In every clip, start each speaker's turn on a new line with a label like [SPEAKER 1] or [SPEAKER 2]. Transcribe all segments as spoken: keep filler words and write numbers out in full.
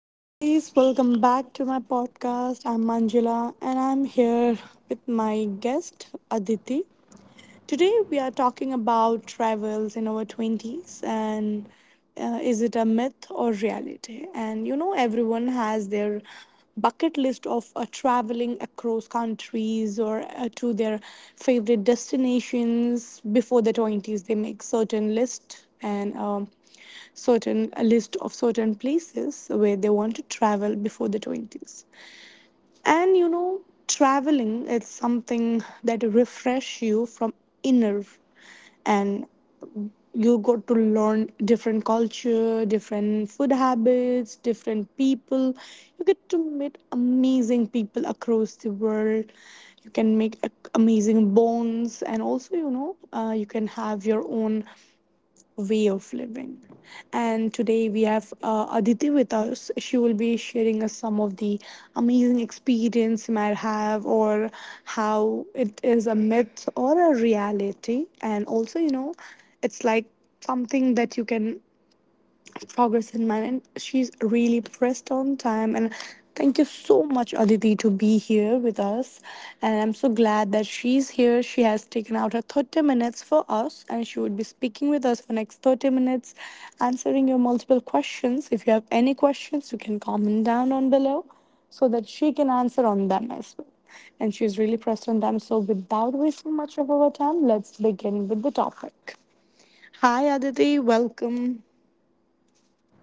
[SPEAKER 1] Hi guys, welcome back to my podcast. I'm Manjula and I'm here with my guest Aditi. Today, we are talking about travels in our twenties and uh, is it a myth or reality? And you know, everyone has their bucket list of uh, traveling across countries or uh, to their favorite destinations before the twenties. They make certain list and um, certain a list of certain places where they want to travel before the twenties. And you know, traveling is something that refresh you from inner, and you got to learn different culture, different food habits, different people. You get to meet amazing people across the world. You can make a- amazing bonds, and also you know, uh, you can have your own way of living. And today we have uh, Aditi with us. She will be sharing us some of the amazing experience you might have, or how it is a myth or a reality. And also, you know, it's like something that you can progress in mine, and she's really pressed on time. And thank you so much Aditi to be here with us, and I'm so glad that she's here. She has taken out her thirty minutes for us, and she would be speaking with us for next thirty minutes answering your multiple questions. If you have any questions, you can comment down on below so that she can answer on them as well. And she's really pressed on them, so without wasting much of our time, let's begin with the topic. Hi Aditi, welcome.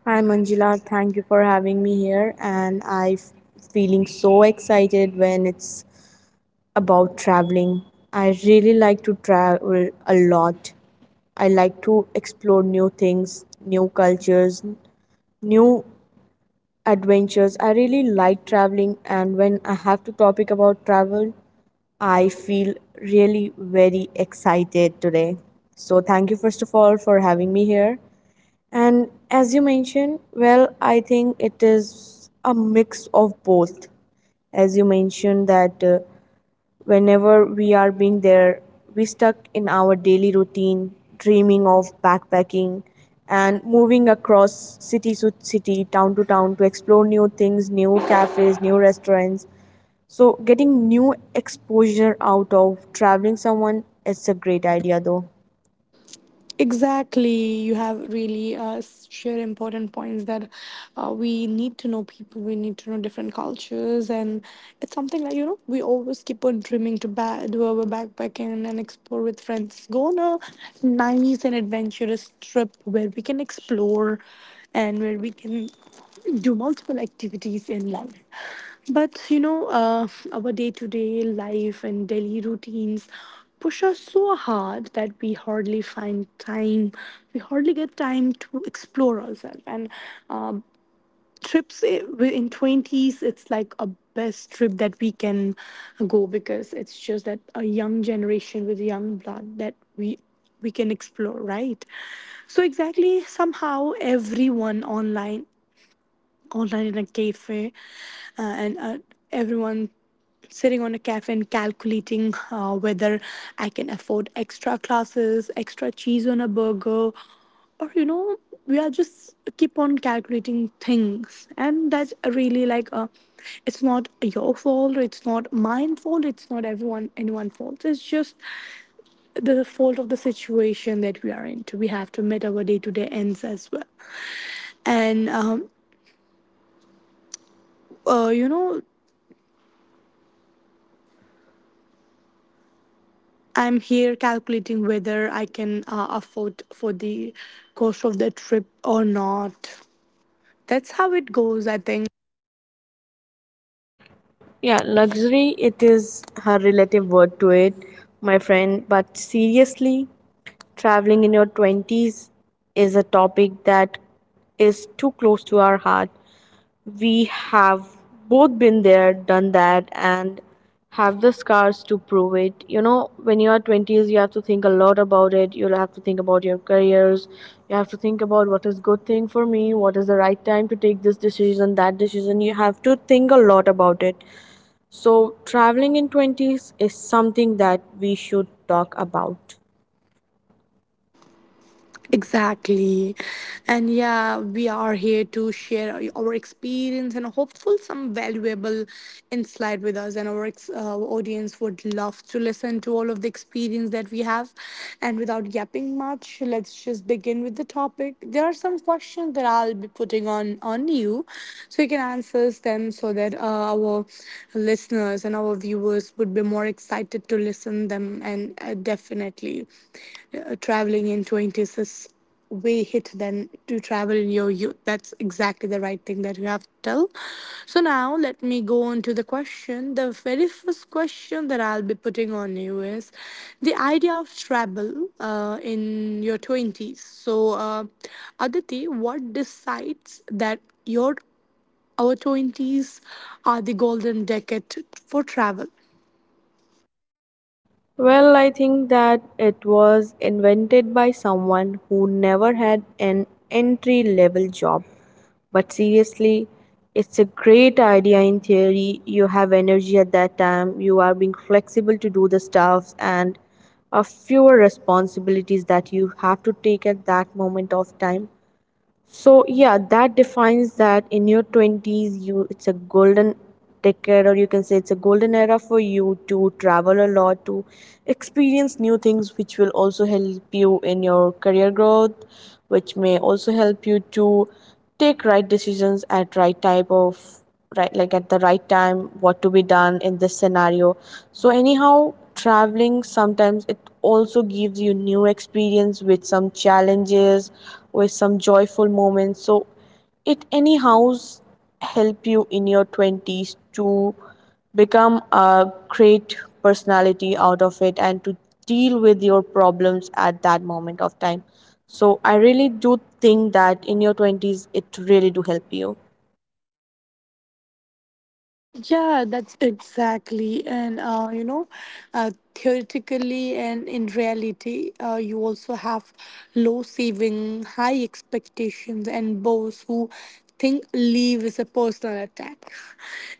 [SPEAKER 2] Hi Manjula, thank you for having me here and I'm feeling so excited when it's about traveling. I really like to travel a lot. I like to explore new things, new cultures, new adventures. I really like traveling and when I have to topic about travel, I feel really very excited today. So thank you first of all for having me here. And as you mentioned, well, I think it is a mix of both. As you mentioned, that uh, whenever we are being there, we stuck in our daily routine, dreaming of backpacking and moving across city to city, town to town to explore new things, new cafes, new restaurants. So, getting new exposure out of traveling someone is a great idea, though.
[SPEAKER 1] Exactly, you have really uh, s- shared important points that uh, we need to know people, we need to know different cultures, and it's something like you know we always keep on dreaming to ba- do our backpacking and explore with friends. Go on a nice and adventurous trip where we can explore and where we can do multiple activities in life. But you know, uh, our day to day life and daily routines push us so hard that we hardly find time, we hardly get time to explore ourselves. And uh, trips i- wi- in twenties, it's like a best trip that we can go because it's just that a young generation with young blood that we we can explore, right? So exactly somehow everyone online, online in a cafe, uh, and uh, everyone sitting on a cafe and calculating uh, whether I can afford extra classes, extra cheese on a burger, or you know, we are just keep on calculating things, and that's really like a. It's not your fault. It's not mine fault. It's not everyone anyone's fault. It's just the fault of the situation that we are into. We have to meet our day to day ends as well, and um, uh, you know I'm here calculating whether I can uh, afford for the cost of the trip or not. That's how it goes, I think.
[SPEAKER 2] Yeah, luxury, it is her relative word to it, my friend. But seriously, traveling in your twenties is a topic that is too close to our heart. We have both been there, done that, and have the scars to prove it. You know, when you are twenties, you have to think a lot about it. You'll have to think about your careers. You have to think about what is good thing for me, what is the right time to take this decision, that decision. You have to think a lot about it so, traveling in twenties is something that we should talk about.
[SPEAKER 1] Exactly. And yeah, we are here to share our experience and hopeful some valuable insight with us. And our ex- uh, audience would love to listen to all of the experience that we have. And without yapping much, let's just begin with the topic. There are some questions that I'll be putting on, on you so you can answer them so that uh, our listeners and our viewers would be more excited to listen them. And uh, definitely uh, traveling in twenties is way hit than to travel in your youth. That's exactly the right thing that you have to tell. So now let me go on to the question. The very first question that I'll be putting on you is the idea of travel uh, in your twenties. So uh, Aditi, what decides that your our twenties are the golden decade for travel?
[SPEAKER 2] Well, I think that it was invented by someone who never had an entry level job. But seriously, it's a great idea in theory. You have energy at that time, you are being flexible to do the stuffs and a fewer responsibilities that you have to take at that moment of time. So yeah, that defines that in your twenties you it's a golden decade or you can say it's a golden era for you to travel a lot to experience new things, which will also help you in your career growth, which may also help you to take right decisions at right type of right like at the right time what to be done in this scenario. So anyhow, traveling sometimes it also gives you new experience with some challenges, with some joyful moments. So it anyhows help you in your twenties to become a great personality out of it and to deal with your problems at that moment of time. So I really do think that in your twenties it really do help you.
[SPEAKER 1] Yeah, that's exactly. And, uh, you know, uh, theoretically and in reality, uh, you also have low saving, high expectations, and those who think leave is a personal attack.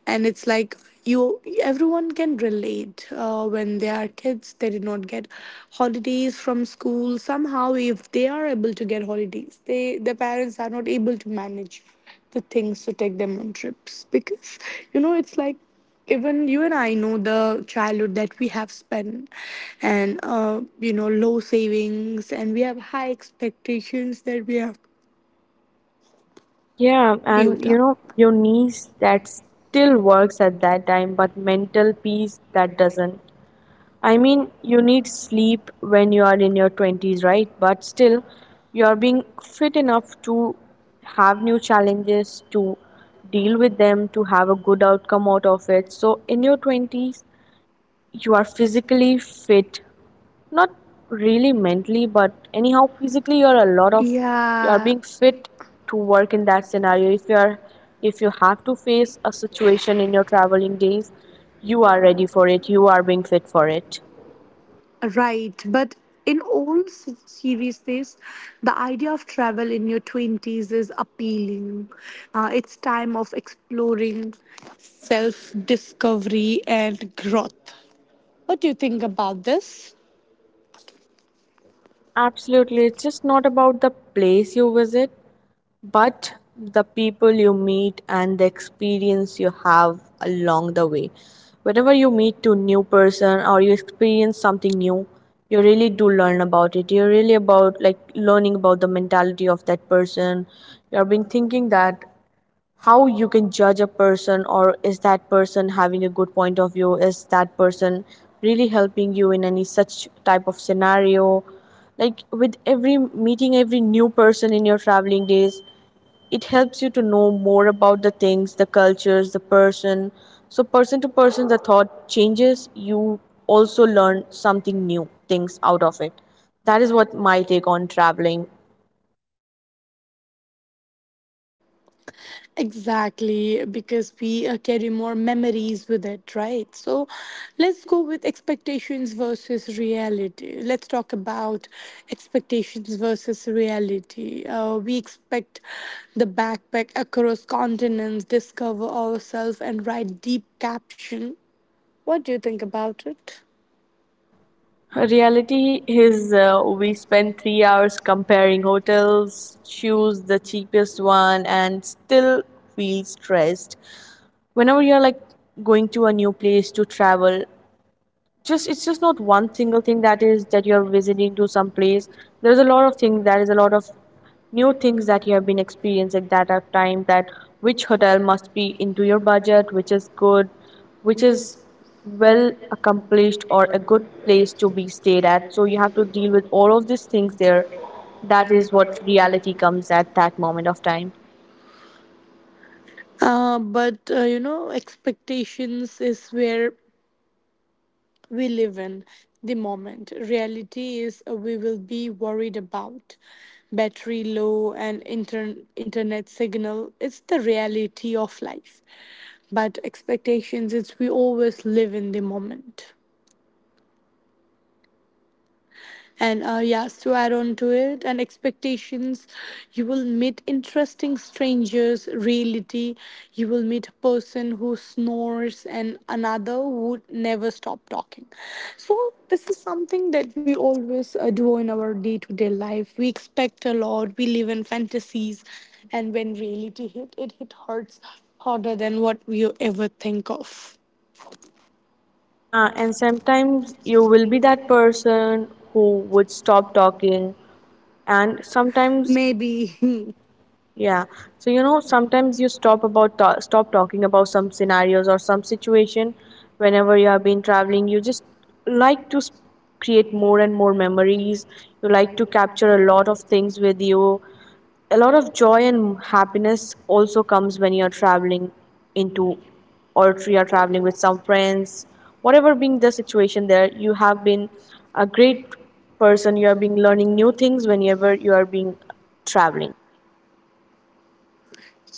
[SPEAKER 1] And it's like you, everyone can relate. Uh, when they are kids, they did not get holidays from school. Somehow, if they are able to get holidays, they their parents are not able to manage the things to take them on trips, because you know it's like even you and I know the childhood that we have spent. And uh, you know low savings, and we have high expectations that we have
[SPEAKER 2] Yeah,
[SPEAKER 1] built
[SPEAKER 2] and you
[SPEAKER 1] up.
[SPEAKER 2] know, your niece that still works at that time, but mental peace that doesn't. I mean, you need sleep when you are in your twenties, right? But still, you're being fit enough to have new challenges, to deal with them, to have a good outcome out of it. So, in your twenties, you are physically fit, not really mentally, but anyhow, physically, you're a lot of you are
[SPEAKER 1] Yeah.
[SPEAKER 2] being fit to work in that scenario. If you're if you have to face a situation in your traveling days, you are ready for it, you are being fit for it.
[SPEAKER 1] Right, but in all s- series, the idea of travel in your twenties is appealing. Uh, it's time of exploring, self discovery, and growth. What do you think about this?
[SPEAKER 2] Absolutely. It's just not about the place you visit, but the people you meet and the experience you have along the way. Whenever you meet a new person or you experience something new, you really do learn about it. You're really about like learning about the mentality of that person. You're being thinking that how you can judge a person or is that person having a good point of view, is that person really helping you in any such type of scenario. Like with every meeting, every new person in your traveling days, it helps you to know more about the things, the cultures, the person. So person to person the thought changes, you also learn something new things out of it. That is what my take on traveling.
[SPEAKER 1] Exactly, because we uh, carry more memories with it, right? So let's go with expectations versus reality. Let's talk about expectations versus reality. Uh, we expect the backpack across continents, discover ourselves, and write deep caption. What do you think about it?
[SPEAKER 2] Reality is, uh, we spend three hours comparing hotels, choose the cheapest one, and still feel stressed. Whenever you're like going to a new place to travel, just it's just not one single thing that is that you're visiting to some place. There's a lot of things. That is a lot of new things that you have been experiencing that are time that which hotel must be into your budget, which is good, which is well accomplished or a good place to be stayed at. So you have to deal with all of these things there. That is what reality comes at that moment of time.
[SPEAKER 1] Uh, but uh, you know, expectations is where we live in the moment. Reality is uh, we will be worried about. Battery low and inter- internet signal, it's the reality of life. But expectations, it's we always live in the moment. And uh, yes, to add on to it, and expectations, you will meet interesting strangers, reality, you will meet a person who snores and another who never stop talking. So, this is something that we always uh, do in our day to day life. We expect a lot, we live in fantasies, and when reality hit, it, hit hurts harder than what we ever think of.
[SPEAKER 2] Yeah, and sometimes you will be that person who would stop talking, and sometimes
[SPEAKER 1] Maybe.
[SPEAKER 2] Yeah. So you know, sometimes you stop about ta- stop talking about some scenarios or some situation whenever you have been traveling. You just like to s- create more and more memories. You like to capture a lot of things with you. A lot of joy and happiness also comes when you're traveling into or if you are traveling with some friends. Whatever being the situation there, you have been a great person. You are being learning new things whenever you are being traveling.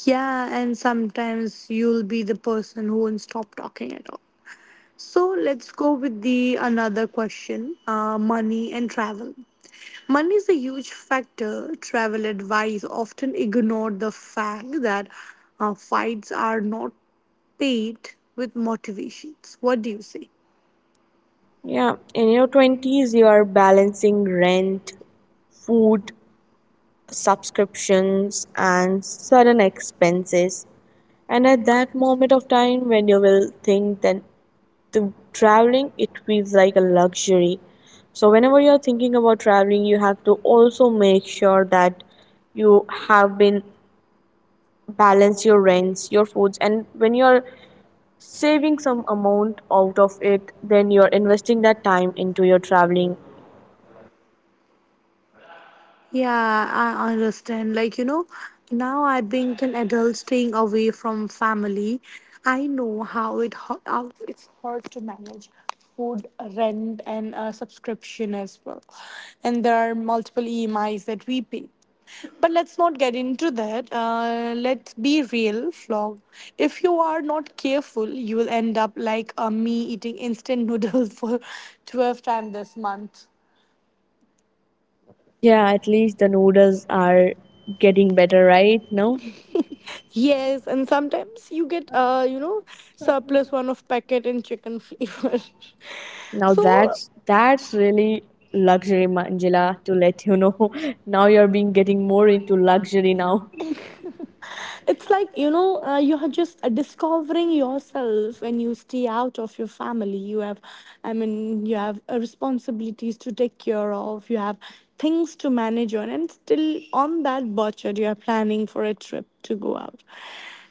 [SPEAKER 1] Yeah, and sometimes you'll be the person who won't stop talking at all. So let's go with the another question, uh, money and travel. Money is a huge factor. Travel advice often ignored the fact that uh, fights are not paid with motivations. What do you say?
[SPEAKER 2] Yeah, in your twenties, you are balancing rent, food, subscriptions, and sudden expenses. And at that moment of time, when you will think that the traveling it feels like a luxury. So, whenever you're thinking about traveling, you have to also make sure that you have been balance your rents, your foods, and when you're saving some amount out of it, then you're investing that time into your traveling.
[SPEAKER 1] Yeah, I understand. Like, you know, now I being an adult staying away from family, I know how it ho- how it's hard to manage food, rent, and uh, subscription as well. And there are multiple E M Is that we pay. But let's not get into that. Uh, let's be real, Flog. If you are not careful, you will end up like uh, me eating instant noodles for twelve times this month.
[SPEAKER 2] Yeah, at least the noodles are getting better, right? No,
[SPEAKER 1] Yes, and sometimes you get uh, you know, surplus one of packet in chicken fever.
[SPEAKER 2] now
[SPEAKER 1] So
[SPEAKER 2] that's that's really luxury, Manjula. To let you know, now you're being getting more into luxury now.
[SPEAKER 1] it's like you know, uh, you are just uh, discovering yourself when you stay out of your family. You have, I mean, you have uh, responsibilities to take care of. You have things to manage on, and still on that budget, you are planning for a trip to go out.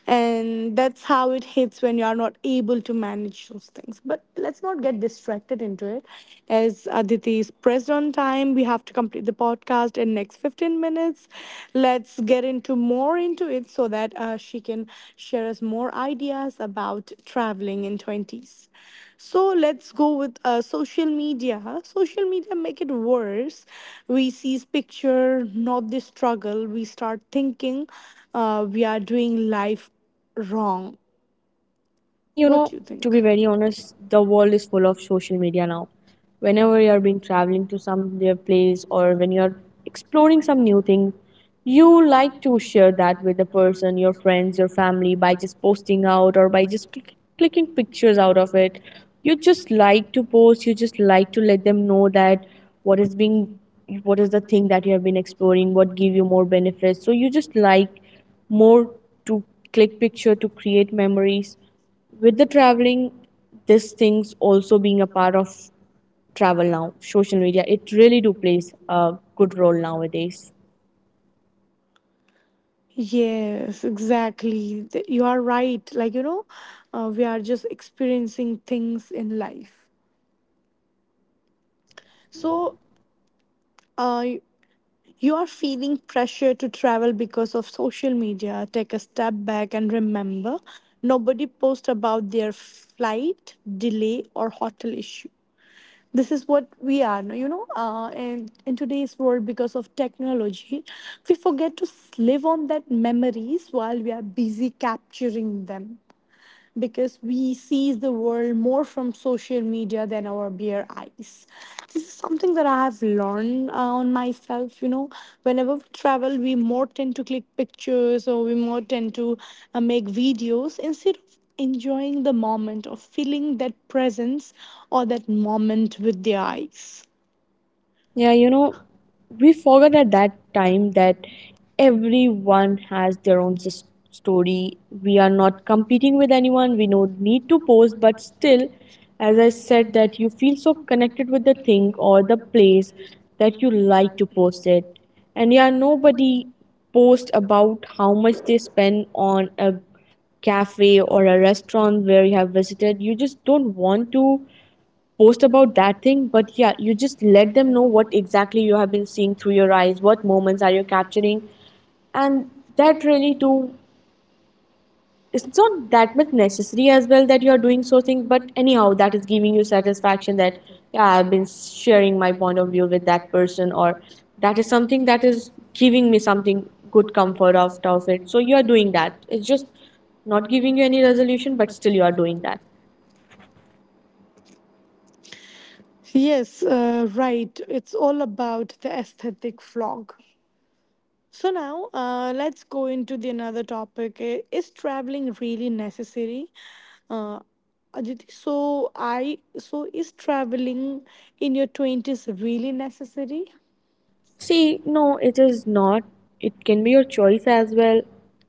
[SPEAKER 1] And that's how it hits when you are not able to manage those things. But let's not get distracted into it. As Aditi is pressed on time, we have to complete the podcast in next fifteen minutes. Let's get into more into it so that uh, she can share us more ideas about traveling in twenties. So let's go with uh, social media, huh? Social media make it worse. We see picture, not the struggle. We start thinking uh, we are doing life wrong.
[SPEAKER 2] See, you
[SPEAKER 1] What
[SPEAKER 2] know,
[SPEAKER 1] do you
[SPEAKER 2] to
[SPEAKER 1] think?
[SPEAKER 2] be very honest, the world is full of social media now. Whenever you are being traveling to some new place or when you are exploring some new thing, you like to share that with the person, your friends, your family by just posting out or by just click, clicking pictures out of it. You just like to post. You just like to let them know that what is being, what is the thing that you have been exploring, what give you more benefits. So you just like more to click picture to create memories with the traveling. This things also being a part of travel now. Social media, it really do plays a good role nowadays.
[SPEAKER 1] Yes, exactly. Th- You are right. Like, you know, uh, we are just experiencing things in life. So, uh, you are feeling pressure to travel because of social media, take a step back and remember, nobody posts about their flight, delay, or hotel issue. This is what we are, no, you know, uh, in, in today's world, because of technology, we forget to live on that memories while we are busy capturing them, because we see the world more from social media than our bare eyes. This is something that I have learned uh, on myself. You know, whenever we travel, we more tend to click pictures, or we more tend to uh, make videos instead of enjoying the moment or feeling that presence or that moment with the eyes.
[SPEAKER 2] Yeah, you know, we forgot at that time that everyone has their own s- story. We are not competing with anyone. We no need to post, but still, as I said, that you feel so connected with the thing or the place that you like to post it. And yeah, nobody post about how much they spend on a cafe or a restaurant where you have visited. You just don't want to post about that thing, but yeah, you just let them know what exactly you have been seeing through your eyes, what moments are you capturing. And that really do, it's not that much necessary as well that you're doing so things, but anyhow that is giving you satisfaction that yeah, I've been sharing my point of view with that person, or that is something that is giving me something good comfort out of it. So you are doing that, it's just not giving you any resolution, but still you are doing that.
[SPEAKER 1] Yes, uh, right. It's all about the aesthetic vlog. So now uh, let's go into the another topic. I- Is traveling really necessary? Uh, Aditi, so I so is traveling in your twenties really necessary?
[SPEAKER 2] See, no, it is not. It can be your choice as well.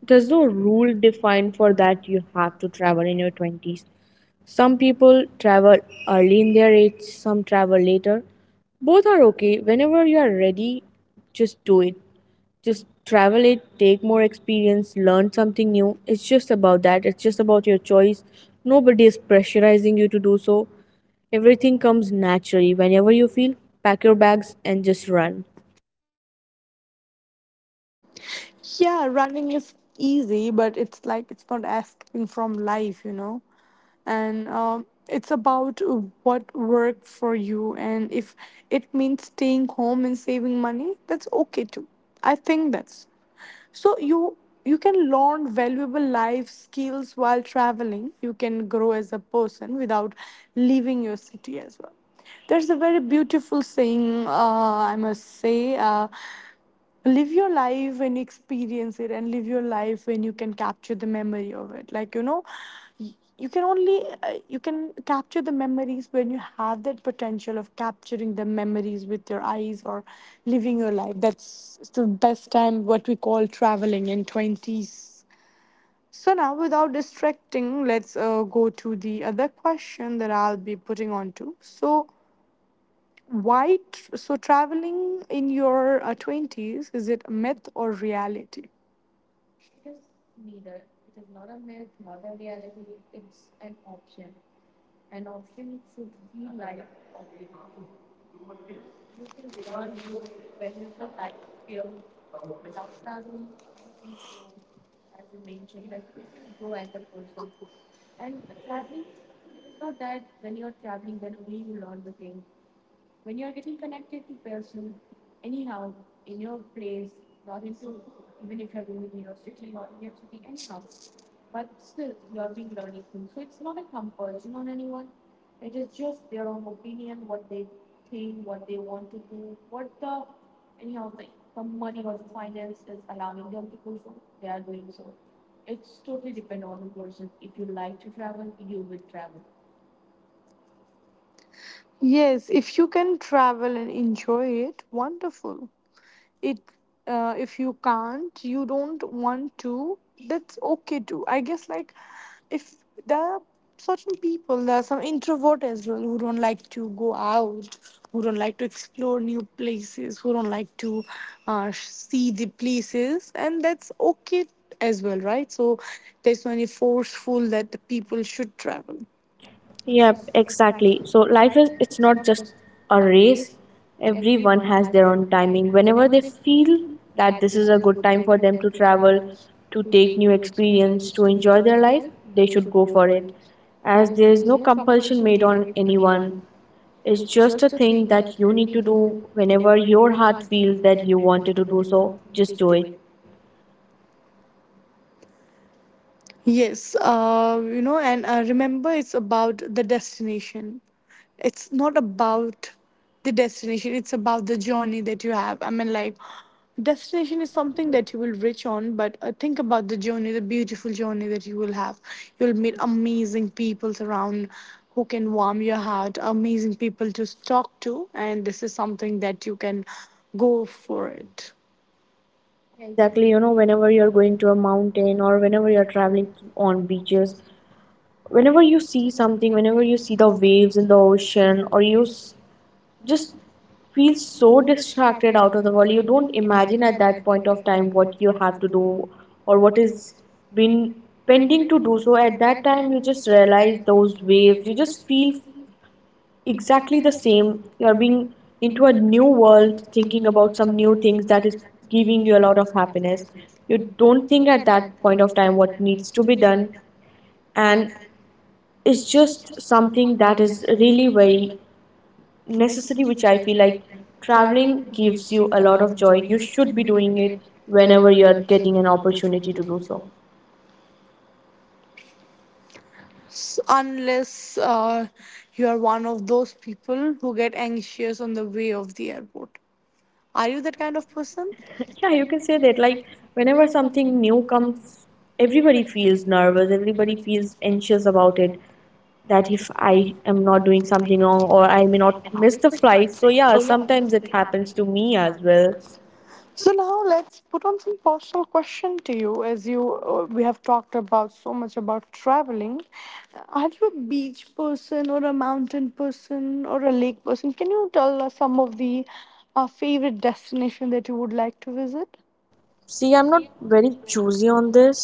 [SPEAKER 2] There's no rule defined for that you have to travel in your twenties. Some people travel early in their age, some travel later. Both are okay. Whenever you are ready, just do it. Just travel it, take more experience, learn something new. It's just about that. It's just about your choice. Nobody is pressurizing you to do so. Everything comes naturally. Whenever you feel, pack your bags and just run.
[SPEAKER 1] Yeah, running is easy, but it's like it's not escaping from life, you know. And um, It's about uh, what worked for you, and if it means staying home and saving money, that's okay too. I think that's so you you can learn valuable life skills while traveling. You can grow as a person without leaving your city as well. There's a very beautiful saying, uh, I must say, uh, live your life when you experience it, and live your life when you can capture the memory of it, like you know you can only uh, you can capture the memories when you have that potential of capturing the memories with your eyes, or living your life. That's the best time, what we call traveling in twenties. So now, without distracting, let's uh, go to the other question that I'll be putting on to. So why tr- so traveling in your uh, twenties, is it a myth or reality? Yes, if you can travel and enjoy it, wonderful. It, uh, if you can't, you don't want to, that's okay too, I guess. Like, if there are certain people, there are some introvert as well who don't like to go out, who don't like to explore new places, who don't like to uh, sh- see the places, and that's okay as well, right? So there's no any forceful that the people should travel.
[SPEAKER 2] Yep, exactly. So life is it's not just a race. Everyone has their own timing. Whenever they feel that this is a good time for them to travel, to take new experience, to enjoy their life, they should go for it. As there is no compulsion made on anyone. It's just a thing that you need to do whenever your heart feels that you wanted to do so, just do it.
[SPEAKER 1] Yes, uh, you know, and uh, remember, it's about the destination. It's not about the destination, it's about the journey that you have. I mean, like, destination is something that you will reach on, but uh, think about the journey, the beautiful journey that you will have. You'll meet amazing people around who can warm your heart, amazing people to talk to, and this is something that you can go for it.
[SPEAKER 2] Yeah, exactly. You know, whenever you're going to a mountain or whenever you're traveling on beaches, whenever you see something, whenever you see the waves in the ocean, or you s- just feel so distracted out of the world, you don't imagine at that point of time what you have to do or what is been pending to do. So at that time, you just realize those waves, you just feel exactly the same, you are being into a new world, thinking about some new things that is giving you a lot of happiness. You don't think at that point of time what needs to be done, and it's just something that is really very necessary, which I feel like traveling gives you a lot of joy. You should be doing it whenever you're getting an opportunity to do so.
[SPEAKER 1] S- unless uh, you are one of those people who get anxious on the way of the airport. Are you that kind of person?
[SPEAKER 2] Yeah, you can say that. Like whenever something new comes, everybody feels nervous, everybody feels anxious about it, that if I am not doing something wrong or I may not miss the flight. So yeah, sometimes it happens to me as well.
[SPEAKER 1] So now, let's put on some personal question to you. As you, uh, we have talked about so much about traveling. Are you a beach person or a mountain person or a lake person? Can you tell us some of the uh, favorite destination that you would like to visit?
[SPEAKER 2] See, I'm not very choosy on this.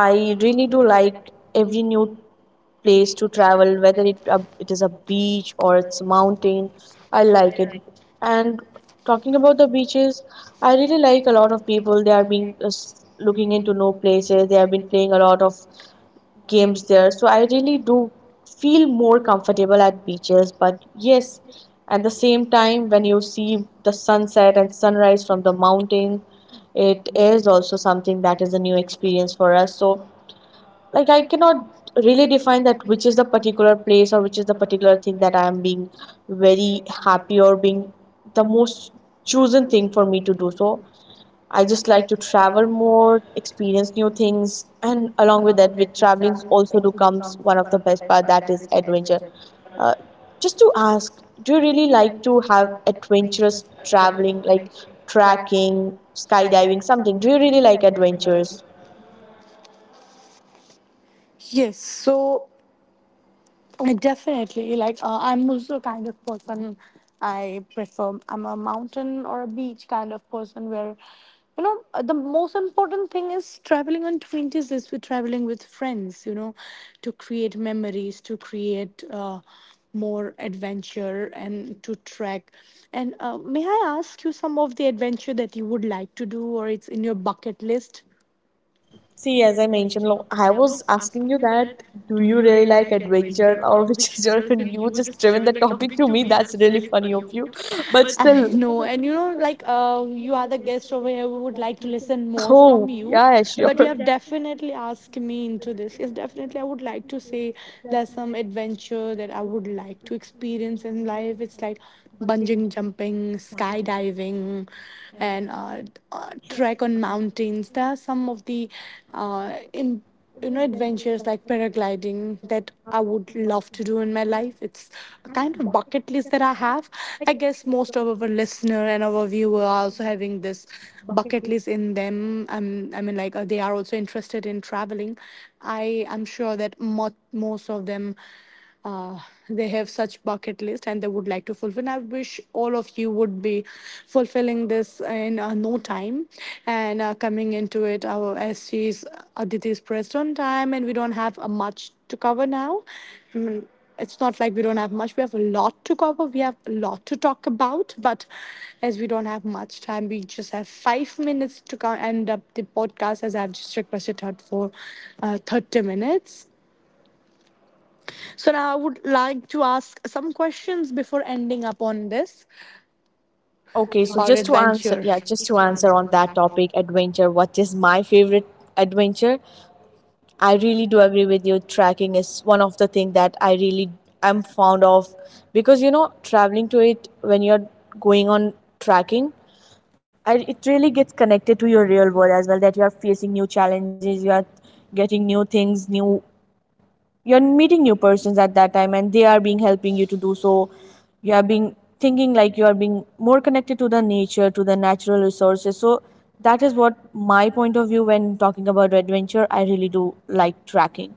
[SPEAKER 2] I really do like every new place to travel, whether it uh, it is a beach or it's a mountain. I like it. And talking about the beaches, I really like a lot of people. They are being uh, s- looking into new places. They have been playing a lot of games there. So I really do feel more comfortable at beaches. But yes, at the same time, when you see the sunset and sunrise from the mountain, it is also something that is a new experience for us. So like, I cannot really define that which is the particular place or which is the particular thing that I am being very happy or being the most chosen thing for me to do. So I just like to travel, more experience new things. And along with that, with traveling, also do comes one of the best part, that is adventure. uh, just to ask, do you really like to have adventurous traveling like trekking, skydiving, something? Do you really like adventures?
[SPEAKER 1] Yes. So Uh, Definitely. Like, uh, I'm also a kind of person I prefer. I'm a mountain or a beach kind of person where, you know, uh, the most important thing is traveling on twenties is we're traveling with friends, you know, to create memories, to create uh, more adventure and to trek. And uh, may I ask you some of the adventure that you would like to do, or it's in your bucket list?
[SPEAKER 2] See, as I mentioned, lo- I was asking you that, do you really like adventure
[SPEAKER 1] Is
[SPEAKER 2] or which is your, and you just driven the topic to me. That's really funny of you. But
[SPEAKER 1] I
[SPEAKER 2] still,
[SPEAKER 1] know, and you know, like uh, you are the guest over here. We would like to listen more from oh,
[SPEAKER 2] oh,
[SPEAKER 1] you,
[SPEAKER 2] yeah,
[SPEAKER 1] yeah.
[SPEAKER 2] yeah,
[SPEAKER 1] But you
[SPEAKER 2] sure.
[SPEAKER 1] have definitely asked me into this. Yes, definitely, I would like to say there's some adventure that I would like to experience in life. It's like bungee jumping, skydiving, and uh, uh, trek on mountains. There are some of the uh, in you know adventures like paragliding that I would love to do in my life. It's a kind of bucket list that I have. I guess most of our listener and our viewer are also having this bucket list in them. I'm, I mean, like uh, they are also interested in traveling. I I am sure that mo- most of them uh, they have such bucket list and they would like to fulfill, and I wish all of you would be fulfilling this in uh, no time. And uh, coming into it, uh, as she's, Aditi's pressed on time and we don't have uh, much to cover now. I mean, it's not like we don't have much, we have a lot to cover, we have a lot to talk about, but as we don't have much time, we just have five minutes to co- end up the podcast, as I've just requested her for uh, thirty minutes. So now I would like to ask some questions before ending up on this.
[SPEAKER 2] Okay,
[SPEAKER 1] Okay,
[SPEAKER 2] so
[SPEAKER 1] so our just one
[SPEAKER 2] just to
[SPEAKER 1] adventure
[SPEAKER 2] answer, yeah,
[SPEAKER 1] question,
[SPEAKER 2] just
[SPEAKER 1] just
[SPEAKER 2] to
[SPEAKER 1] to
[SPEAKER 2] answer
[SPEAKER 1] answer
[SPEAKER 2] on
[SPEAKER 1] on
[SPEAKER 2] that
[SPEAKER 1] that topic.
[SPEAKER 2] topic, adventure, what is my favorite adventure? I really do agree with you. Tracking is one of the things that I really am fond of, because you know, traveling to it, when you're going on tracking, I, it really gets connected to your real world as well, that you are facing new challenges, you are getting new things new, you're meeting new persons at that time and they are being helping you to do so. You are being thinking like you are being more connected to the nature, to the natural resources. So that is what my point of view when talking about adventure. I really do like tracking.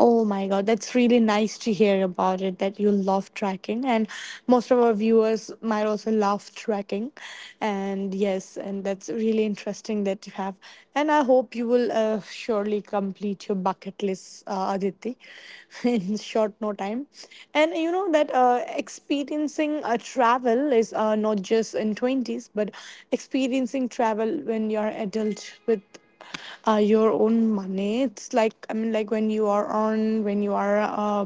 [SPEAKER 1] Oh my God, that's really nice to hear about it, that you love trekking. And most of our viewers might also love trekking. And yes, and that's really interesting that you have. And I hope you will uh, surely complete your bucket list, uh, Aditi, in short no time. And you know that uh, experiencing a travel is uh, not just in twenties, but experiencing travel when you're adult with uh, your own money. It's like I mean, like when you are on, when you are uh,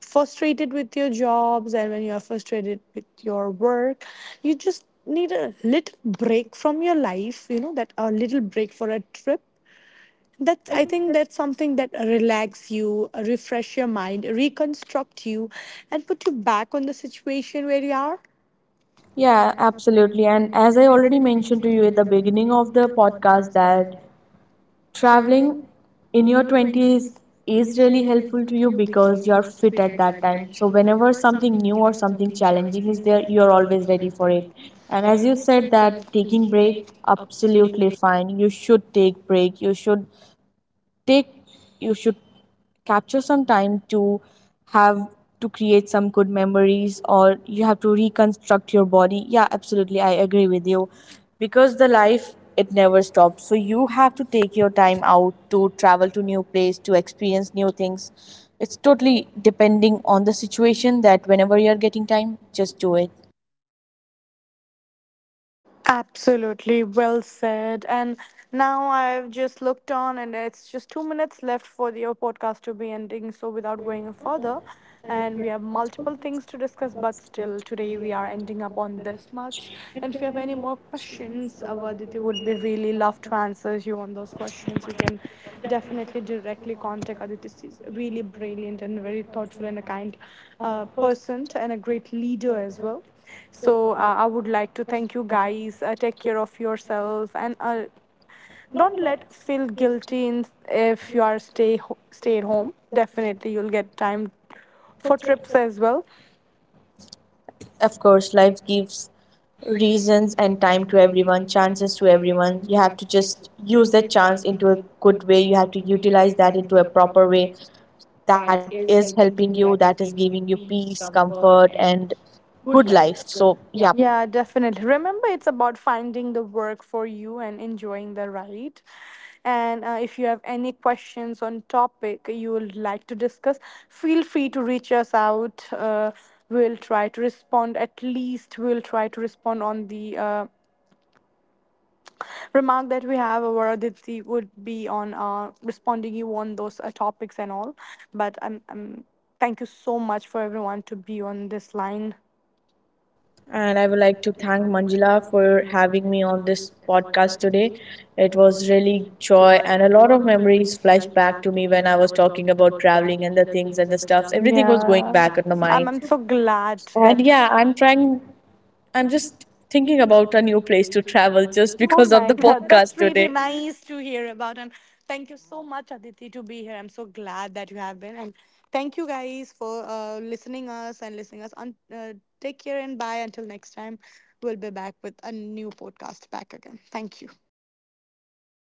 [SPEAKER 1] frustrated with your jobs, and when you are frustrated with your work, you just need a little break from your life. You know that a little break for a trip. That's, I think that's something that relax you, refresh your mind, reconstruct you, and put you back on the situation where you are.
[SPEAKER 2] Yeah, absolutely. And as I already mentioned to you at the beginning of the podcast, that traveling in your twenties is really helpful to you because you're fit at that time. So whenever something new or something challenging is there, you're always ready for it. And as you said, that taking break, absolutely fine. You should take break. You should take, you should capture some time to have, to create some good memories, or you have to reconstruct your body. Yeah, absolutely, I agree with you. Because the life, it never stops. So you have to take your time out to travel to new place, to experience new things. It's totally depending on the situation that whenever you're getting time, just do it.
[SPEAKER 1] Absolutely well said. And now I've just looked on, and it's just two minutes left for your podcast to be ending. So without going further, and we have multiple things to discuss, but still, today we are ending up on this much. And if you have any more questions, our Aditi would be really love to answer you on those questions. You can definitely directly contact Aditi. She's really brilliant and very thoughtful and a kind uh, person and a great leader as well. So uh, I would like to thank you guys. Uh, take care of yourself, and uh, don't let feel guilty in, if you are stay ho- stay at home. Definitely, you'll get time for trips as well.
[SPEAKER 2] Of course, life gives reasons and time to everyone, chances to everyone. You have to just use that chance into a good way. You have to utilize that into a proper way that is helping you, that is giving you peace, comfort, and good life. So, yeah.
[SPEAKER 1] Yeah, definitely. Remember, it's about finding the work for you and enjoying the ride. And uh, if you have any questions on topic you would like to discuss, feel free to reach us out. Uh, we'll try to respond, at least we'll try to respond on the uh, remark that we have, or Aditi would be on uh, responding you on those uh, topics and all. But um, um, thank you so much for everyone to be on this line.
[SPEAKER 2] And I would like to thank Manjula for having me on this podcast today. It was really joy and a lot of memories flashed back to me when I was talking about traveling and the things and the stuffs. Everything was going
[SPEAKER 1] yeah
[SPEAKER 2] back in the
[SPEAKER 1] i'm,
[SPEAKER 2] mind.
[SPEAKER 1] I'm so glad that.
[SPEAKER 2] And yeah, I'm trying, I'm just thinking about a new place to travel just
[SPEAKER 1] Oh
[SPEAKER 2] because of
[SPEAKER 1] my
[SPEAKER 2] the
[SPEAKER 1] God,
[SPEAKER 2] podcast
[SPEAKER 1] that's really
[SPEAKER 2] today.
[SPEAKER 1] nice to hear about. And thank you so much, Aditi, to be here. I'm so glad that you have been. And thank you guys for uh, listening us and listening us. Un- uh, take care and bye. Until next time, we'll be back with a new podcast back again. Thank you.